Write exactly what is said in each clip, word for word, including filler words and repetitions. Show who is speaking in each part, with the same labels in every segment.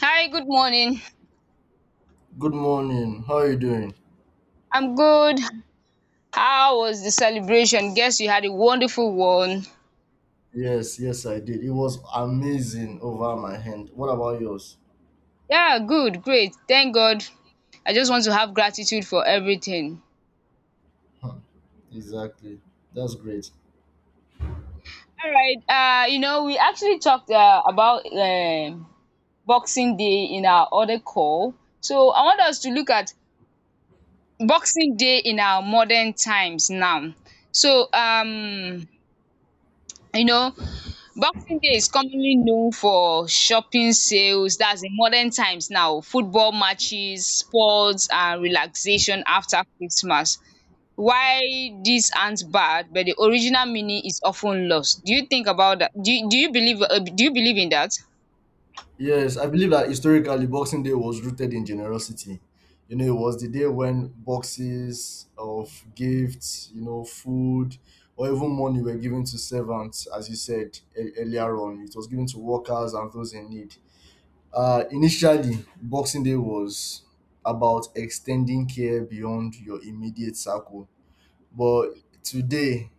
Speaker 1: Hi, good morning.
Speaker 2: Good morning. How are you doing?
Speaker 1: I'm good. How was the celebration? Guess you had a wonderful one.
Speaker 2: Yes, yes, I did. It was amazing over my hand. What about yours?
Speaker 1: Yeah, good, great. Thank God. I just want to have gratitude for everything.
Speaker 2: Huh, Exactly. That's great.
Speaker 1: All right. Uh, you know, we actually talked uh, about um, Boxing Day in our other call. So I want us to look at Boxing Day in our modern times now. So um, you know, Boxing Day is commonly known for shopping sales, that's in modern times now, football matches, sports and relaxation after Christmas. Why dis aren't bad, but the original meaning is often lost. Do you think about that? Do you do you believe um do you believe in that?
Speaker 2: Yes, I believe that historically Boxing Day was rooted in generosity. You know, it was the day when boxes of gifts, you know, food, or even money were given to servants, as you said e- earlier on. It was given to workers and those in need. Uh, initially, Boxing Day was about extending care beyond your immediate circle. But today,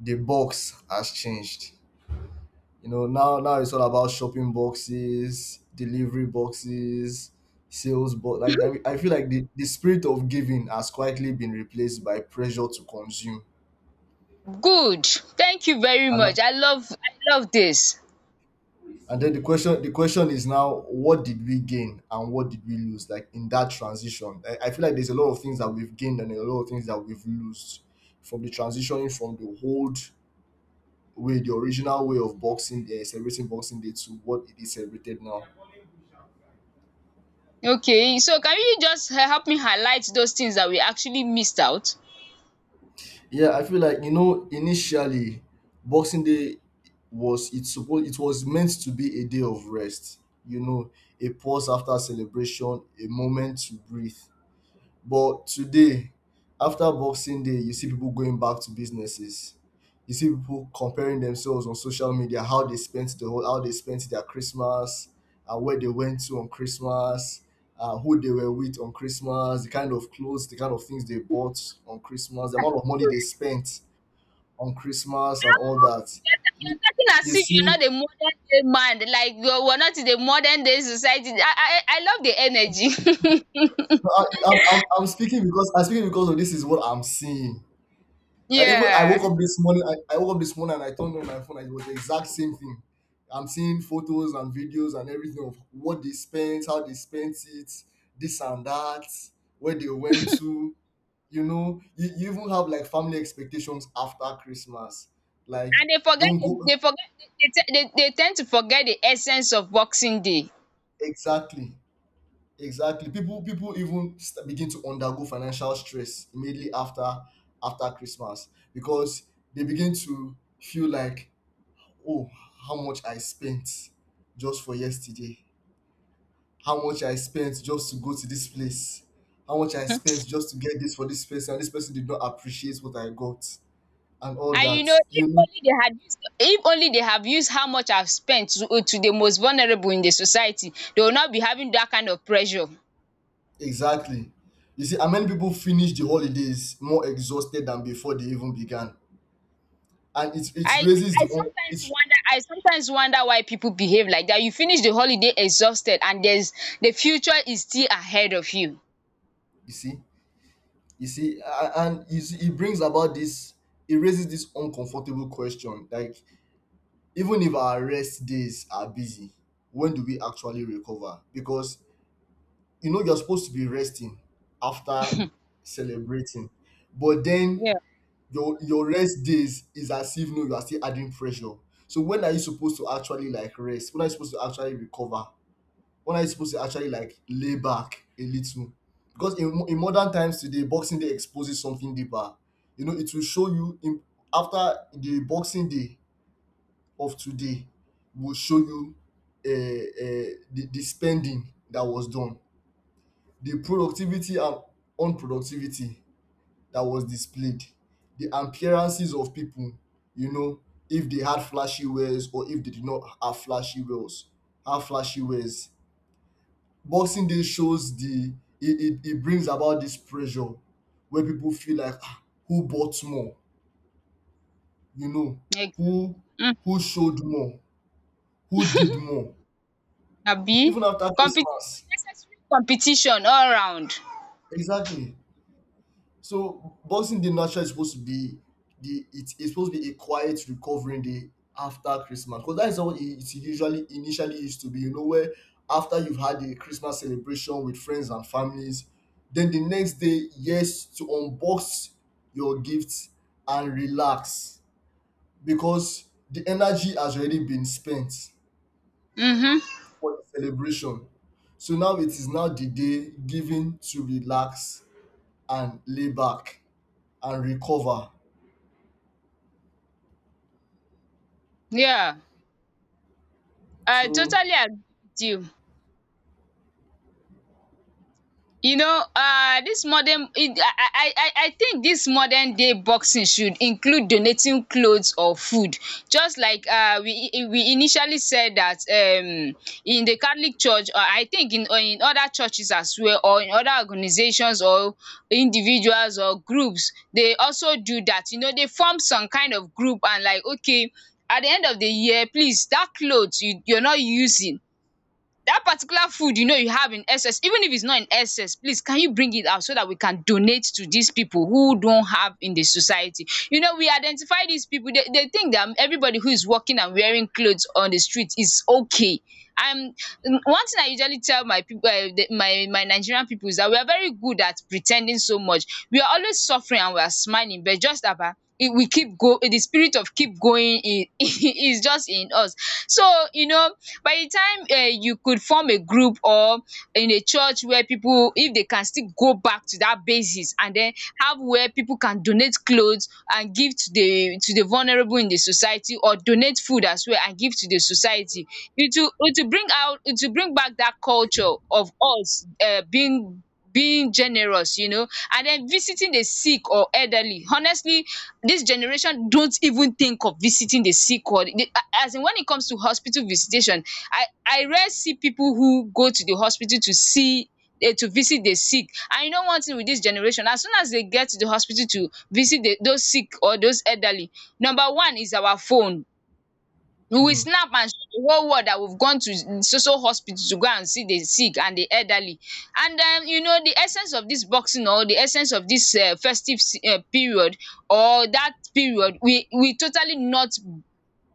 Speaker 2: the box has changed. You know, now now it's all about shopping boxes, delivery boxes, sales box. Like I, mean, I feel like the, the spirit of giving has quietly been replaced by pressure to consume.
Speaker 1: Good, thank you very
Speaker 2: And
Speaker 1: much. I love I love this.
Speaker 2: And then the question the question is now, what did we gain and what did we lose like in that transition? I, I feel like there's a lot of things that we've gained and a lot of things that we've lost from the transitioning from the old way, the original way of boxing, uh, celebrating Boxing Day to what it is celebrated now.
Speaker 1: Okay, so can you just help me highlight those things that we actually missed out?
Speaker 2: Yeah, I feel like you know initially Boxing Day was it's supposed it was meant to be a day of rest. You know, a pause after celebration, a moment to breathe. But today, after Boxing Day, you see people going back to businesses. You see people comparing themselves on social media, how they spent the whole, how they spent their Christmas, and where they went to on Christmas, uh, who they were with on Christmas, the kind of clothes, the kind of things they bought on Christmas, the amount of money they spent on Christmas, and all that.
Speaker 1: You're ta-
Speaker 2: You,
Speaker 1: you're talking
Speaker 2: you
Speaker 1: as if you're
Speaker 2: see,
Speaker 1: not a modern day man, like you we're not in the modern day society. I I I love the energy.
Speaker 2: no, I, I'm, I'm I'm speaking because I'm speaking because of this is what I'm seeing. Like even I
Speaker 1: Yeah,
Speaker 2: woke up this morning, I, I woke up this morning and I turned on my phone and it was the exact same thing. I'm seeing photos and videos and everything of what they spent, how they spent it, this and that, where they went to. You know, you, you even have like family expectations after Christmas. Like,
Speaker 1: and they forget
Speaker 2: don't go
Speaker 1: they forget they te they they tend to forget the essence of Boxing Day.
Speaker 2: exactly, exactly. People people even st- begin to undergo financial stress immediately after after Christmas because they begin to feel like, oh, how much I spent just for yesterday. How much I spent just to go to this place. How much I
Speaker 1: um
Speaker 2: spent just to get this for this person. And this person did not appreciate what I got and all
Speaker 1: And you
Speaker 2: that.
Speaker 1: know
Speaker 2: You
Speaker 1: if
Speaker 2: know,
Speaker 1: only they had used if only they have used how much I've spent to to the most vulnerable in the society, they will not be having that kind of pressure.
Speaker 2: exactly. You see, how many people finish the holidays more exhausted than before they even began? And it, it
Speaker 1: I
Speaker 2: raises
Speaker 1: I
Speaker 2: the own,
Speaker 1: sometimes
Speaker 2: it's,
Speaker 1: wonder I sometimes wonder why people behave like that. You finish the holiday exhausted, and there's the future is still ahead of you.
Speaker 2: you see, you see, a- and you see, it brings about this, it raises this uncomfortable question like, even if our rest days are busy, when do we actually recover? Because you know you're supposed to be resting after celebrating, but then
Speaker 1: Yeah.
Speaker 2: your your rest days is as if no you are still adding pressure. So when are you supposed to actually like rest? When are you supposed to actually recover? When are you supposed to actually like lay back a little? Because in, mo- in modern times today Boxing Day exposes something deeper. You know it will show you in, after the Boxing Day of today, will show you uh, uh, the, the spending that was done, the productivity and unproductivity that was displayed, the appearances of people, you know, if they had flashy wares or if they did not have flashy wares, have flashy wares. Boxing Day shows the it, it, it brings about this pressure where people feel like, "Ah, who bought more, you know,
Speaker 1: Ex-
Speaker 2: who
Speaker 1: mm,
Speaker 2: who showed more, who did more
Speaker 1: Abi,
Speaker 2: even after
Speaker 1: competition,
Speaker 2: Christmas."
Speaker 1: unnecessary competition all round.
Speaker 2: Exactly. So Boxing Day naturally is supposed to be the it is supposed to be a quiet recovering day after Christmas because that is how it it usually initially used to be. You know, where after you've had a Christmas celebration with friends and families, then the next day, yes, to unbox your gifts and relax because the energy has already been spent
Speaker 1: Mhm.
Speaker 2: for the celebration. So now it is now the day given to relax and lay back and recover.
Speaker 1: Yeah. I
Speaker 2: So
Speaker 1: totally agree with you. You know uh this modern it, I, I I I think this modern day boxing should include donating clothes or food, just like uh we we initially said that um in the Catholic church, or I think in or in other churches as well, or in other organizations or individuals or groups. They also do that. You know they form some kind of group, and like, okay, at the end of the year, please, that clothes you you're not using, that particular food you know you have in excess, even if it's not in excess, please can you bring it out so that we can donate to these people who don't have in the society. You know we identify these people. They, they think that everybody who is walking and wearing clothes on the street is okay. And mm, one thing I usually tell my people, uh, the, my my Nigerian people, is that we are very good at pretending so much. We are always suffering and we are smiling, but just about it, we keep go the spirit of keep going is is just in us. So you know by the time um you could form a group, or in a church, where people, if they can still go back to that basis and then have where people can donate clothes and give to the to the vulnerable in the society, or donate food as well and give to the society, it will it will bring out it will bring back that culture of us um being being generous. You know and then visiting the sick or elderly. Honestly, this generation don't even think of visiting the sick or the as in, when it comes to hospital visitation, i i rarely see people who go to the hospital to see eh to visit the sick. And you know one thing with this generation, as soon as they get to the hospital to visit the those sick or those elderly, number one is our phone. We will
Speaker 2: mm,
Speaker 1: snap and show the whole world that we've gone to so so hospital to go and see the sick and the elderly. And um you know the essence of this boxing, or the essence of this um festive um period or that period, will will totally not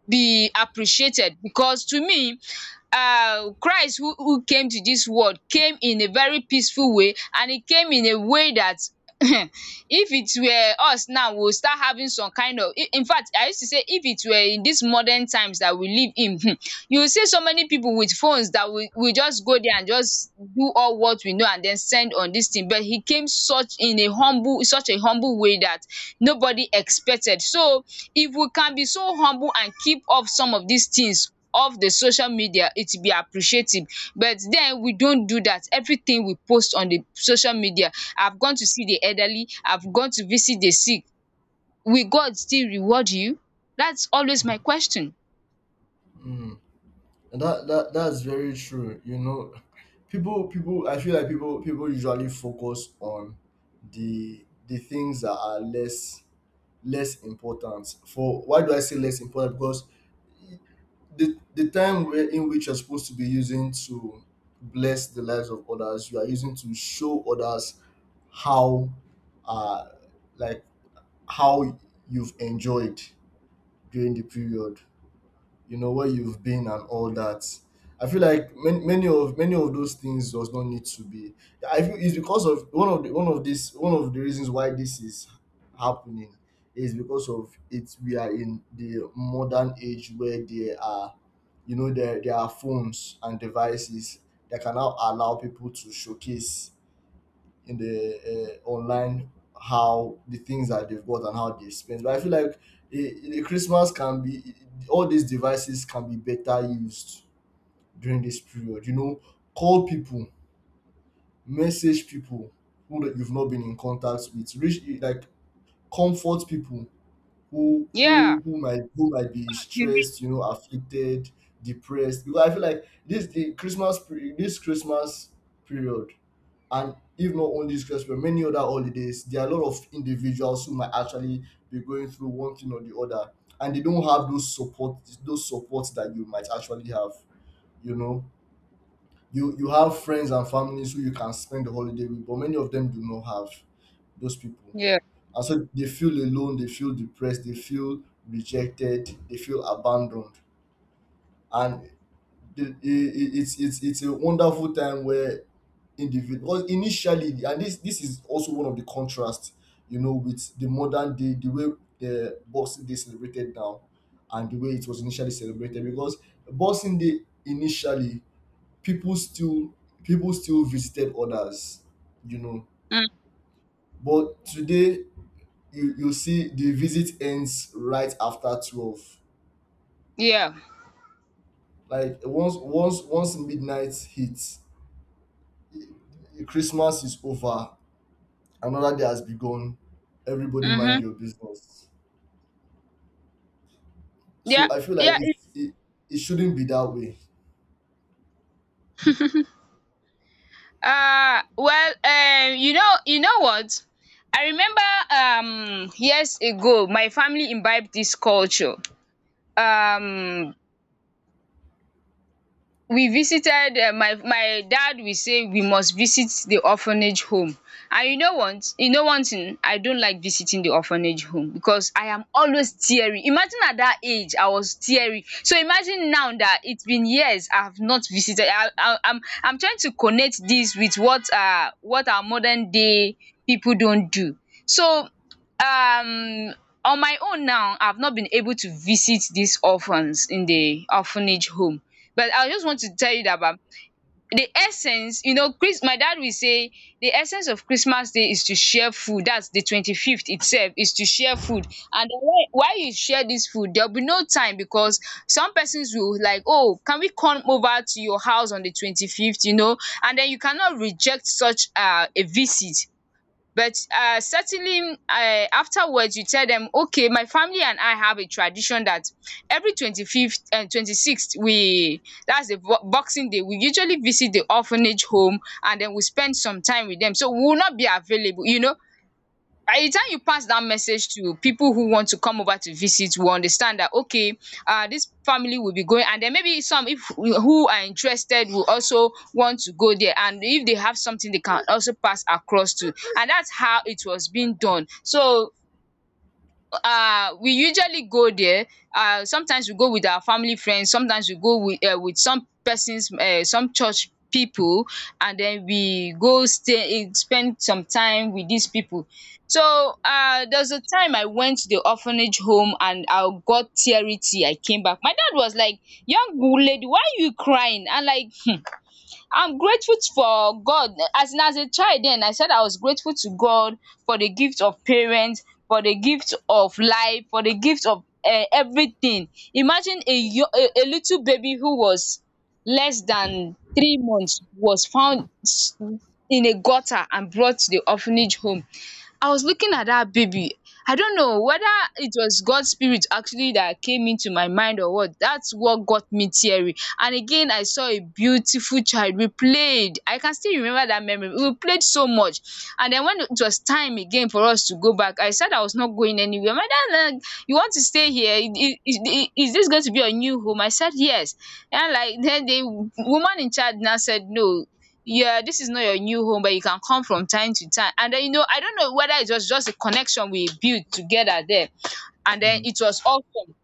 Speaker 1: be appreciated, because to me, uh Christ who, who came to this world came in a very peaceful way, and he came in a way that, if it were us now, we'll start having some kind of, i- in fact, I used to say, if it were in these modern times that we live in, hmm, you will see so many people with phones that we, we just go there and just do all what we know and then send on this thing. But he came such in a humble such a humble way that nobody expected. So, if we can be so humble and keep up some of these things of the social media, it will be appreciative. But then we don't do that. Everything we post on the social media, "I've gone to see the elderly, I've gone to visit the sick," will God still reward you? That's always my question.
Speaker 2: mm, and that, that that's very true. You know, people people I feel like people people usually focus on the the things that are less less important. For why do I say less important? Because the the time where in which you're supposed to be using to bless the lives of others, you are using to show others how uh like how you've enjoyed during the period, you know, where you've been and all that. I feel like many, many of many of those things does not need to be. I feel it's because of one of the one of this one of the reasons why this is happening is because of it we are in the modern age where there are, you know, there, there are phones and devices that can now allow people to showcase in the uh, online how the things that they've got and how they spend. But I feel like a, a Christmas can be, all these devices can be better used during this period. You know, call people, message people who that you've not been in contact with, reach like comfort people who
Speaker 1: Yeah.
Speaker 2: who who might who might be
Speaker 1: You mean-
Speaker 2: stressed, you know, afflicted, depressed. Because I feel like this the Christmas period, this Christmas period and if not only this Christmas, many other holidays, there are a lot of individuals who might actually be going through one thing or the other, and they don't have those support, those supports that you might actually have. You know, you you have friends and families who you can spend the holiday with, but many of them do not have those people,
Speaker 1: yeah.
Speaker 2: and so they feel alone, they feel depressed, they feel rejected, they feel abandoned, and the, it it's it's it's a wonderful time where individual because initially, and this this is also one of the contrasts, you know, with the modern day, the way the Boxing Day celebrated now and the way it was initially celebrated. Because Boxing Day initially, people still people still visited others, you know,
Speaker 1: mm,
Speaker 2: but today you you see the visit ends right after twelve.
Speaker 1: yeah.
Speaker 2: Like once once once midnight hits, Christmas is over, another day has begun. Everybody mind
Speaker 1: Mm-hmm.
Speaker 2: your business.
Speaker 1: Yeah,
Speaker 2: So I feel like
Speaker 1: yeah.
Speaker 2: it
Speaker 1: It-
Speaker 2: it, it shouldn't be that way.
Speaker 1: uh well, um you know you know what I remember um years ago my family imbibed this culture. Um, we visited um my my dad will say we must visit the orphanage home. And you know what you know one thing, I don't like visiting the orphanage home because I am always teary. Imagine at that age I was teary, so imagine now that it's been years I have not visited. I I I'm I'm trying to connect this with what uh what our modern day people don't do. So um on my own now, I have not been able to visit these orphans in the orphanage home. But I just want to tell you that, ba the essence, you know Chris my dad will say, the essence of Christmas Day is to share food. That's the twenty fifth itself, is to share food. And den, why while you share this food, there will be no time, because some persons will like, "Oh, can we come over to your house on the twenty fifth?" You know and then you cannot reject such um a visit. But uh, certainly, uh, afterwards, you tell them, okay, my family and I have a tradition that every twenty fifth and twenty sixth, we that's the bo- Boxing Day, we usually visit the orphanage home, and then we spend some time with them. So we will not be available. You know by the time you pass that message to people who want to come over to visit, will understand that, okay, uh this family will be going, and then maybe some if who are interested will also want to go there, and if they have something they can also pass across to. And that's how it was being done. So uh we usually go there. Uh sometimes we go with our family friends. Sometimes we go with um with some persons, um some church people, and then we go stay in spend some time with these people. So uh there's a time I went to the orphanage home and I got teary tear I came back. My dad was like, "Young lady, why are you crying?" And like, I'm grateful for God. As in, as a child then, I said I was grateful to God for the gift of parents, for the gift of life, for the gift of eh, everything. Imagine a, yo- a a little baby who was less than three months was found s- in a gutter and brought to the orphanage home. I was looking at that baby. I don't know whether it was God's spirit actually that came into my mind or what. That's what got me teary. And again, I saw a beautiful child. We played. I can still remember that memory. We played so much. And then when it was time again for us to go back, I said I was not going anywhere. My dad, like, "You want to stay here? Is, is, is this going to be your new home?" I said yes. And like then the woman in charge now said, "No. Yeah, this is not your new home, but you can come from time to time." And then you know, I don't know whether it was just a connection we built together there, and then
Speaker 2: Hmm.
Speaker 1: it was awesome.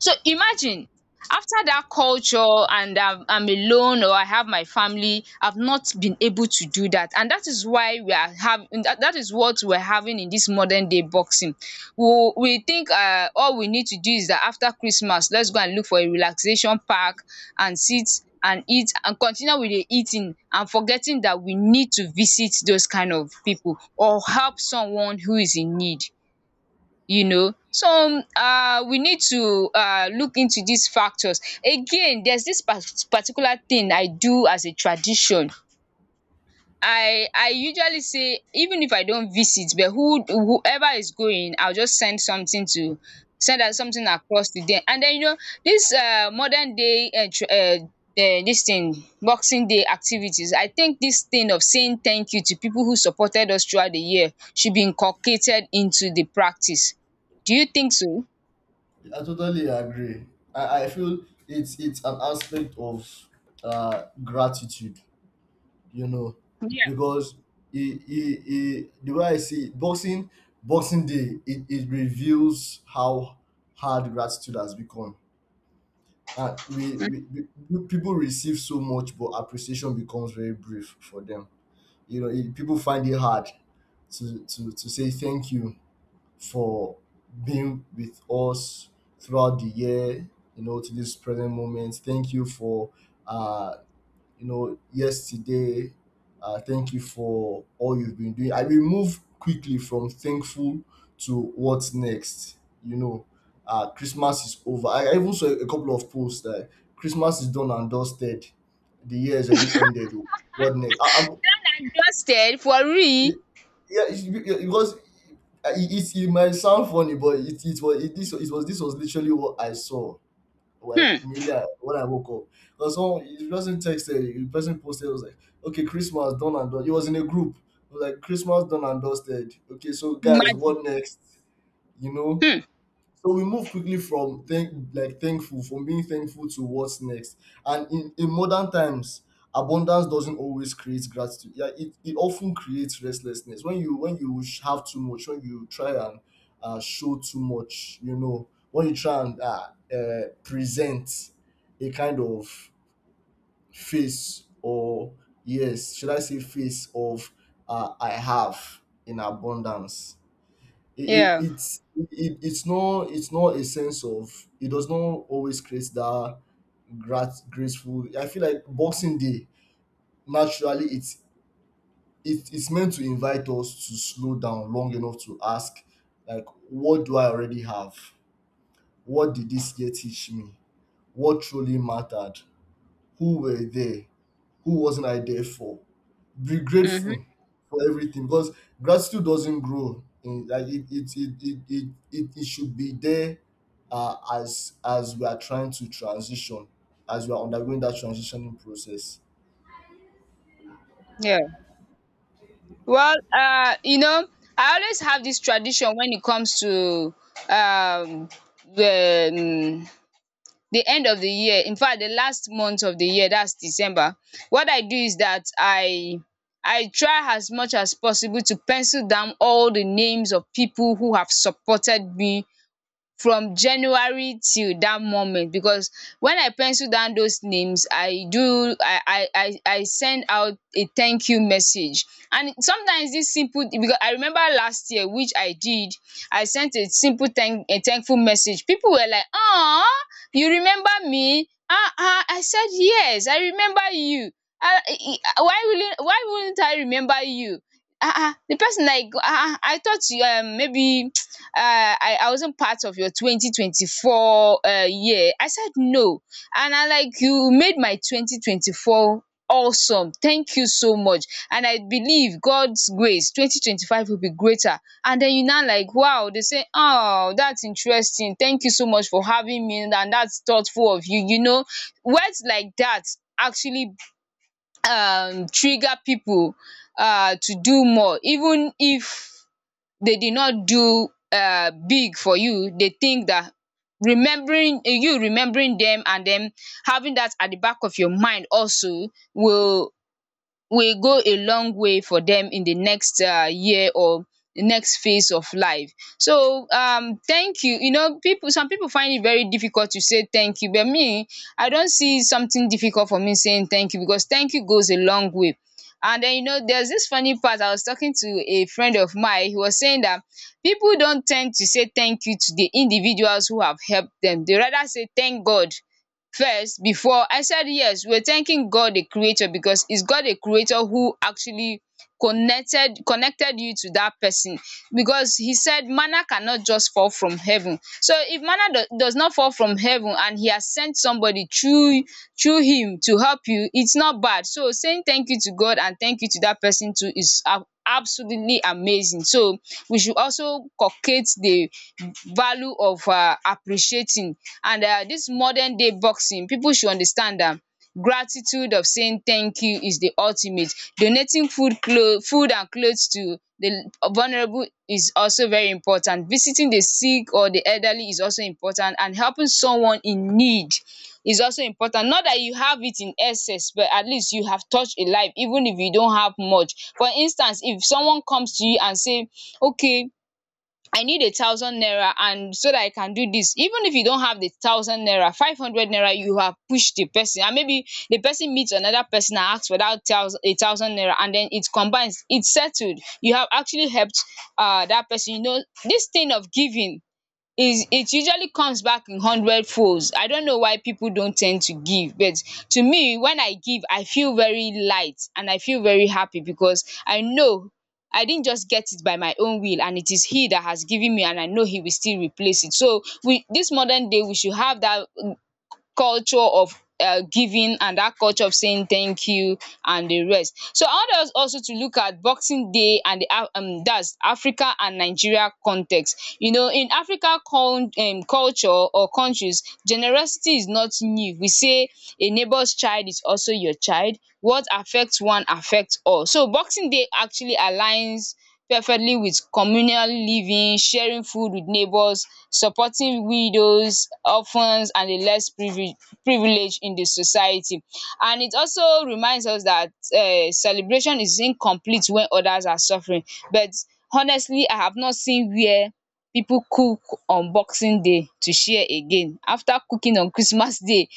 Speaker 1: So imagine, after that culture, and I'm, I'm alone or I have my family, I've not been able to do that. And that is why we are having that, that is what we're having in this modern day boxing. We, we think uh, all we need to do is that after Christmas, let's go and look for a relaxation park and sit and eat and continue with the eating and forgetting that we need to visit those kind of people or help someone who is in need you know so um uh, we need to um look into these factors again. There's this par- particular thing I do as a tradition. I i usually say, even if I don't visit, but who whoever is going, I'll just send something to send out something across to them. And then, you know this um modern day, um um this thing, Boxing Day activities, I think this thing of saying thank you to people who supported us throughout the year should be inculcated into the practice. Do you think so?
Speaker 2: I totally agree. I, I feel it's it's an aspect of uh, gratitude, you know,
Speaker 1: Yeah.
Speaker 2: because it, it, it, the way I see it, boxing Boxing Day, it, it reveals how hard gratitude has become. And we, we, we people receive so much, but appreciation becomes very brief for them. You know, it, people find it hard to, to to say thank you for being with us throughout the year. You know, to this present moment. Thank you for uh you know, yesterday. Uh, thank you for all you've been doing. I will move quickly from thankful to what's next. You know, uh, Christmas is over. I, I even saw a couple of posts that Christmas is done and dusted. The year is already ended. Oh, what next? I, I'm,
Speaker 1: Trusted for real.
Speaker 2: yeah, it's be- yeah, because it, it, it might sound funny, but it, it was it, this it was this was literally what I saw like
Speaker 1: Hmm.
Speaker 2: immediately when I woke up. Because someone the person texted, the person posted, it was like, okay, Christmas done and done. It was in a group. It was like, Christmas done and dusted. Okay, so guys,
Speaker 1: Imagine.
Speaker 2: what next? You know,
Speaker 1: um
Speaker 2: so we move quickly from thank like thankful from being thankful to what's next. And in, in modern times, abundance doesn't always create gratitude. Yeah, it, it often creates restlessness. When you when you sh- have too much, when you try and uh, show too much, you know, when you try and uh, uh, present a kind of face or, yes, should I say, face of uh, I have in abundance. it, it
Speaker 1: yeah.
Speaker 2: it's it, it's not it's not a sense of. It does not always create that grat- graceful. I feel like Boxing Day naturally it's it, it's meant to invite us to slow down long enough to ask, like, what do I already have? What did this year teach me? What truly mattered? Who were they? Who wasn't I there for? Be
Speaker 1: um
Speaker 2: grateful for everything, because gratitude doesn't grow in, like, it it it it it, it, it should be there, uh, as as we are trying to transition, as we are undergoing that transitioning process.
Speaker 1: yeah. Well, um you know I always have dis tradition wen it comes to um the um the end of the year. Infact, the last month of the year dats December. What I do is dat I I try as much as possible to pencil down all the names of pipu who have supported me from January till that moment. Because when I pencil down those names, I do I I I I send out a thank you message. And sometimes this simple. Because I remember last year, which I did, I sent a simple thank a thankful message. People were like, "Aw, you remember me? Ah ah." I said, "Yes, I remember you." um why will why wouldn't I remember you? Ah ah, the person like, "Ah ah, I thought you um maybe," uh I I wasn't part of your twenty twenty four uh year. I said, "No, and I like, you made my twenty twenty four awesome, thank you so much, and I believe God's grace twenty twenty five will be greater." And then you now like, "Wow." They say, "Oh, that's interesting, thank you so much for having me, and that's thoughtful of you you know Words like that actually um trigger people um to do more, even if they did not do um big for you. They think that remembering you, remembering them, and then having that at the back of your mind also will will go a long way for them in the next uh, year, or the next phase of life. So, um thank you. You know, people Some people find it very difficult to say thank you, but me, I don't see something difficult for me saying thank you, because thank you goes a long way. And then, you know, there's this funny part. I was talking to a friend of mine. He was saying that people don't tend to say thank you to the individuals who have helped them. They rather say thank God first. Before I said yes, we're thanking God, the creator, because it's God, the creator who actually connected connected you to that person. Because he said manna cannot just fall from heaven, so if manna do, does not fall from heaven and he has sent somebody through through him to help you, it's not bad. So saying thank you to God and thank you to that person too is ab- absolutely amazing. So we should also culcate the value of uh, appreciating, and uh, this modern day boxing, people should understand am gratitude of saying thank you is the ultimate. Donating food cloth food and clothes to the vulnerable is also very important. Visiting the sick or the elderly is also important, and helping someone in need is also important. Not that you have it in excess, but at least you have touched a life even if you don't have much. For instance, if someone comes to you and say, okay, I need a thousand naira and so that I can do this, even if you don't have the thousand naira, five hundred naira you have pushed the person, and maybe the person meets another person and asks for that thousand a thousand naira, and then it combines, it's settled. You have actually helped uh that person you know This thing of giving, is it usually comes back in hundred folds. I don't know why people don't tend to give, but to me, when I give, I feel very light and I feel very happy, because I know I didn't just get it by my own will, and it is he that has given me, and I know he will still replace it. So we this modern day, we should have that culture of um giving, and dat culture of saying thank you and the rest. So I want us also to look at boxing day and the Af- um dats Africa and Nigeria context. You know in Africa con- um culture or countries, generosity is not new. We say a neighbour's child is also your child; what affect one affect all. So boxing day actually aligns perfectly with communal living, sharing food with neighbors, supporting widows, orphans, and the less privi privileged in the society. And it also reminds us that um celebration is incomplete when others are suffering. But honestly, I have not seen where people cook on boxing day to share again after cooking on Christmas day.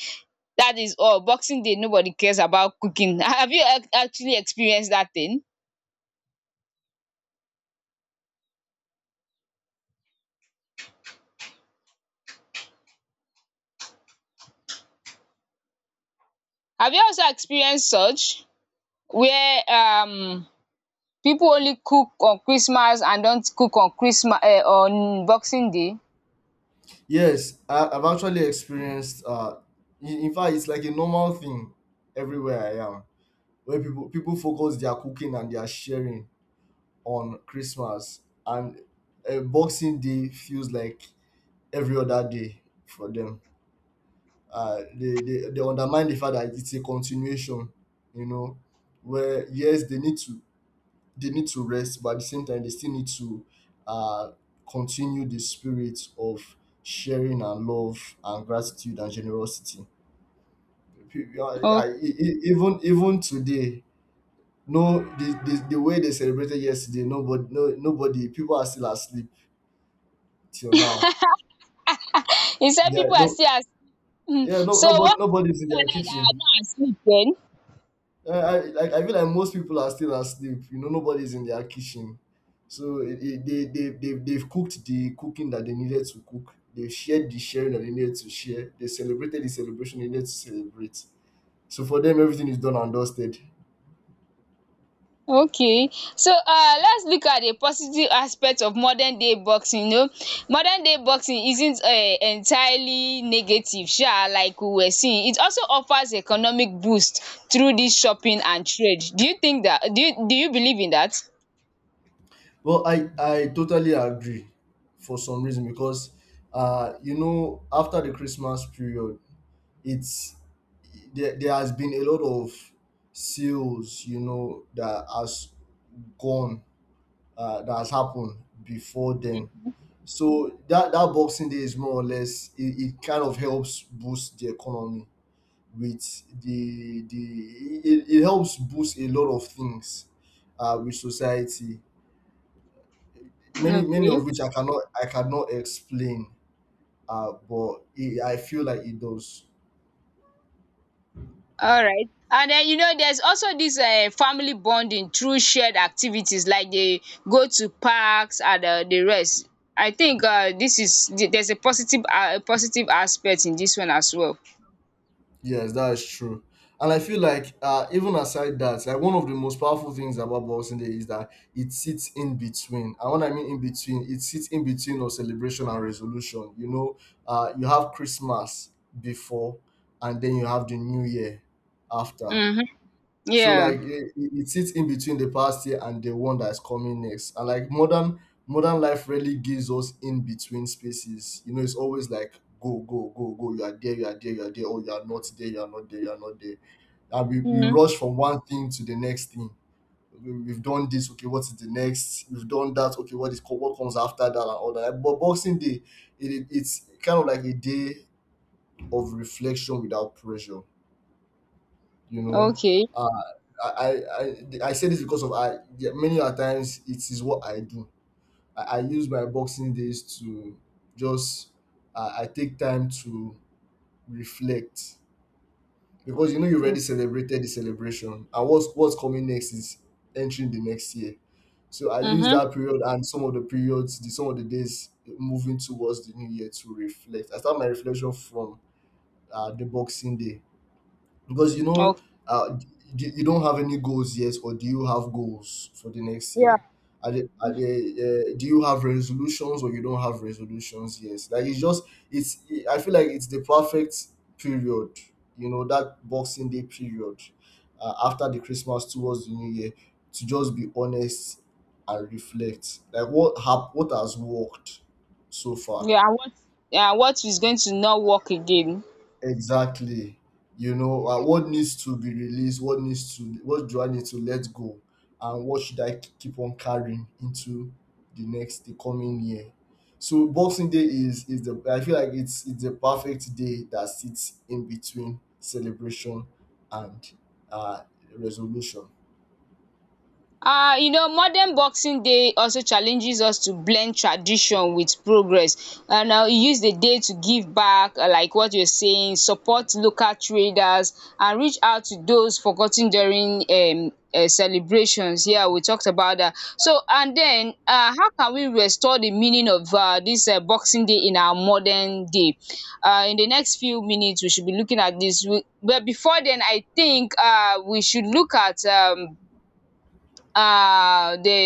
Speaker 1: That is all. Boxing day, nobody cares about cooking. Have you ac- actually experienced that thing? Have you also experienced such where um people only cook on Christmas and don't cook on Christmas um on boxing day?
Speaker 2: Yes, I, i've actually experienced, uh in, in fact, it's like a normal thing. Everywhere I am, where people people focus their cooking and their sharing on Christmas, and uh, Boxing Day feels like every other day for them. Uh, they, they they undermine the fact that it's a continuation, you know, where, yes, they need to they need to rest, but at the same time they still need to uh, continue the spirit of sharing and love and gratitude and generosity. Pe- uh, I-
Speaker 1: Okay,
Speaker 2: e- e- Even even today, no, the, the, the way they celebrated yesterday, nobody no nobody People are still asleep till now.
Speaker 1: he said
Speaker 2: Yeah,
Speaker 1: people are
Speaker 2: no,
Speaker 1: still as...
Speaker 2: yeah, no,
Speaker 1: So
Speaker 2: nobody
Speaker 1: what
Speaker 2: nobody's in
Speaker 1: happened at
Speaker 2: their
Speaker 1: night that are
Speaker 2: kitchen.
Speaker 1: not asleep then?
Speaker 2: I, I like I feel like most people are still asleep. You know, nobody's in their kitchen, so it, it, they they they they've cooked the cooking that they needed to cook. They shared the sharing that they needed to share. They celebrated the celebration they needed to celebrate. So for them, everything is done and dusted.
Speaker 1: Okay. So, uh, let's look at the positive aspect of modern day boxing. You know, modern day boxing isn't um entirely negative sha, like we were seeing. It also offers economic boost through this shopping and trade. Do you think that? Do you do you believe in that?
Speaker 2: Well, I I totally agree, for some reason, because, uh, you know, after the Christmas period, it's there, there has been a lot of sales, you know, that has gone uh, that has happened before then. So that that Boxing Day is more or less it, it kind of helps boost the economy. With the the it, it helps boost a lot of things, uh, with society. Many many
Speaker 1: Okay.
Speaker 2: of which I cannot I cannot explain, uh, but it, I feel like it does.
Speaker 1: All right. And then, you know there's also this um family bonding through shared activities, like they go to parks and um the rest. I think um this is the there's a positive uh, a positive aspect in this one as well.
Speaker 2: Yes, that is true. And I feel like, uh, even aside that, like, one of the most powerful things about Boxing Day is that it sits in between. And when I mean in between, it sits in between of celebration and resolution. You know, uh, you have Christmas before, and then you have the New Year after.
Speaker 1: Mhm.
Speaker 2: So,
Speaker 1: Yeah.
Speaker 2: like, it, it it sits in between the past year and the one that's coming next. And, like, modern modern life really gives us in between spaces. You know, it's always like go, go, go, go. You are there, you are there, you are there. Oh, you are not there, you are not there, you are not there. And we, we
Speaker 1: Mhm.
Speaker 2: rush from one thing to the next thing. We- We've done this. Okay, what is the next? We've done that. Okay, What is co- what comes after that and all that? Like, but Boxing Day, it, it, it's kind of like a day of reflection without pressure, you know
Speaker 1: Okay.
Speaker 2: I, I, I I say this because of I, yeah, many a times it is what I do. I, I use my Boxing Days to just, uh, I take time to reflect, because you know you
Speaker 1: Mm.
Speaker 2: already celebrated the celebration and what's what's coming next is entering the next year. So I use
Speaker 1: Mhm.
Speaker 2: that period, and some of the periods, the, some of the days moving towards the New Year to reflect. I start my reflection from uh, the Boxing Day, because, you know,
Speaker 1: Okay.
Speaker 2: uh, d- you don't have any goals yet, or do you have goals for the next
Speaker 1: Yeah.
Speaker 2: year? Are they, are they, uh, do you have resolutions, or you don't have resolutions? Yes, like, it's just it's. I feel like it's the perfect period. You know, that Boxing Day period, uh, after the Christmas towards the New Year, to just be honest and reflect. Like, what hap- what has worked so far.
Speaker 1: Yeah. And what yeah, what is going to not work again.
Speaker 2: Exactly. You know, uh, what needs to be released, what needs to, what do I need to let go, and what should I k- keep on carrying into the next, the coming year. So Boxing Day is is the I feel like it's it's the perfect day that sits in between celebration and, uh, resolution.
Speaker 1: Um you know modern boxing day also challenges us to blend tradition with progress, and um e use the day to give back, uh, like what you're saying, support local traders and reach out to those forgotten during um um celebrations. Yeah, we talked about that. So and then um how can we restore the meaning of um this um boxing day in our modern day? Um in the next few minutes we should be looking at this. We, but before then, I think um we should look at um uh the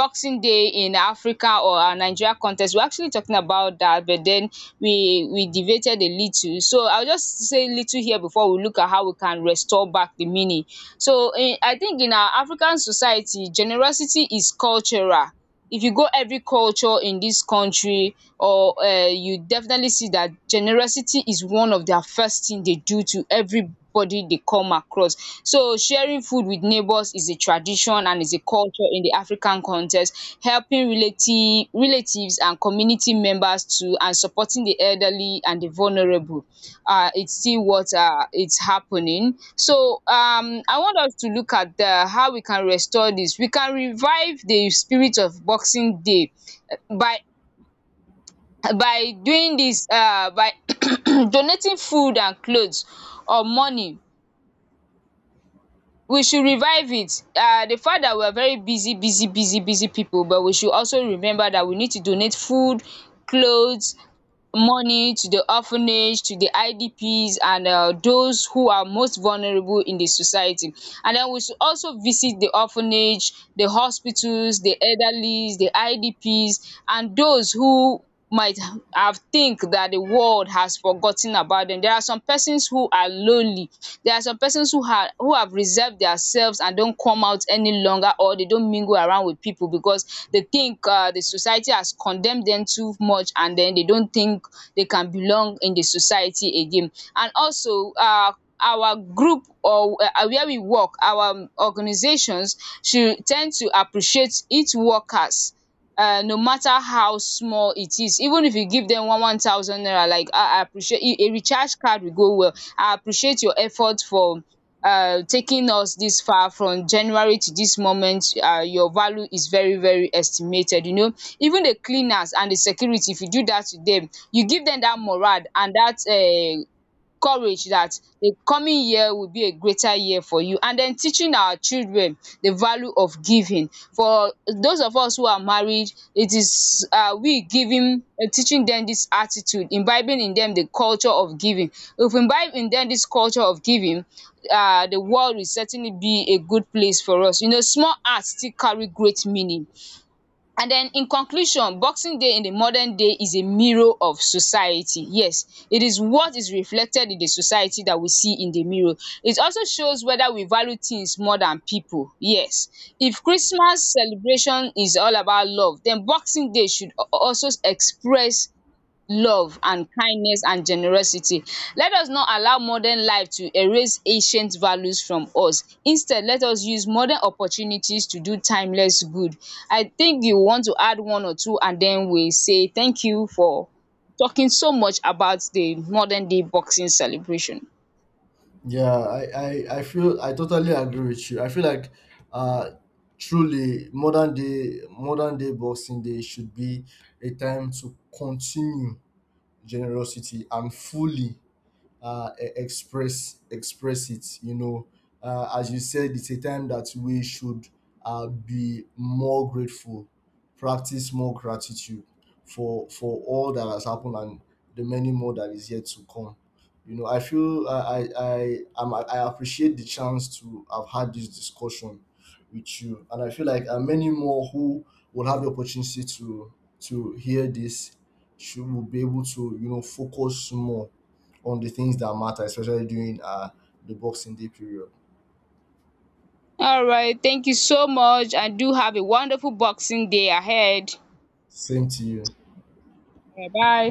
Speaker 1: boxing day in Africa or our Nigeria context. We're actually talking about that, but then we we deviated a little, so I'll just say little here before we look at how we can restore back the meaning. So in, I think in our African society, generosity is cultural. If you go every culture in dis country or um you definitely see dat generosity is one of their first thing dey do to everybody dey come across. So sharing food with neighbours is a tradition and is a culture in the African context. Helping relati- relatives and community members too, and supporting the elderly and the vulnerable. Uh, it's still what, uh, it's happening. So um, I want us to look at the, how we can restore this. We can revive the spirit of Boxing Day, eh, by by doing this, uh, by donating food and clothes or money. We should revive it. Um the fact that we are very busy busy busy busy people, but we should also remember that we need to donate food, clothes, money to the orphanage, to the I D Ps, and um those who are most vulnerable in the society. And then we should also visit the orphanage, the hospitals, the elderly, the I D Ps, and those who might have think that the world has forgotten about them. There are some persons who are lonely. There are some persons who are are who have reserved theirselves and don't come out any longer, or they don't mingle around with people because they think uh, the society has condemned them too much, and then they don't think they can belong in the society again. And also uh, our group, or uh, where we work, our um, organizations should tend to appreciate its workers, uh, no matter how small it is. Even if you give them one one thousand naira, like i i appreciate, a a recharge card will go well. I appreciate your effort for uh, taking us this far from January to this moment. Uh, your value is very very estimated. You know even the cleaners and the security, if you do that to them, you give them that morale and that um courage, that the coming year will be a greater year for you. And then teaching our children the value of giving. For those of us who are married, it is um we giving, uh, teaching dem dis attitude, imbibing in dem the culture of giving. If we imbibe in dem dis culture of giving, um the world will certainly be a good place for us. You know small act still carry great meaning. And then in conclusion, Boxing Day in the modern day is a mirror of society. Yes, it is what is reflected in the society that we see in the mirror. It also shows whether we value things more than people. Yes. If Christmas celebration is all about love, then Boxing Day should al- also express love and kindness and generosity. Let us not allow modern life to erase ancient values from us. Instead, let us use modern opportunities to do timeless good. I think you want to add one or two, and then we say thank you for talking so much about the modern day boxing celebration.
Speaker 2: Yeah, I, I, I feel I totally agree with you. I feel like, uh truly, modern day modern day Boxing Day should be a time to continue generosity and fully, uh, e- express express it. You know, uh, as you said, it's a time that we should, uh, be more grateful, practice more gratitude for for all that has happened and the many more that is yet to come. You know, I feel, I I I, am I appreciate the chance to have had this discussion with you, and I feel like uh, many more who will have the opportunity to to hear this should will be able to you know focus more on the things that matter, especially during uh, the Boxing Day period.
Speaker 1: All right, thank you so much, and do have a wonderful boxing day ahead.
Speaker 2: Same to you.
Speaker 1: Bye bye.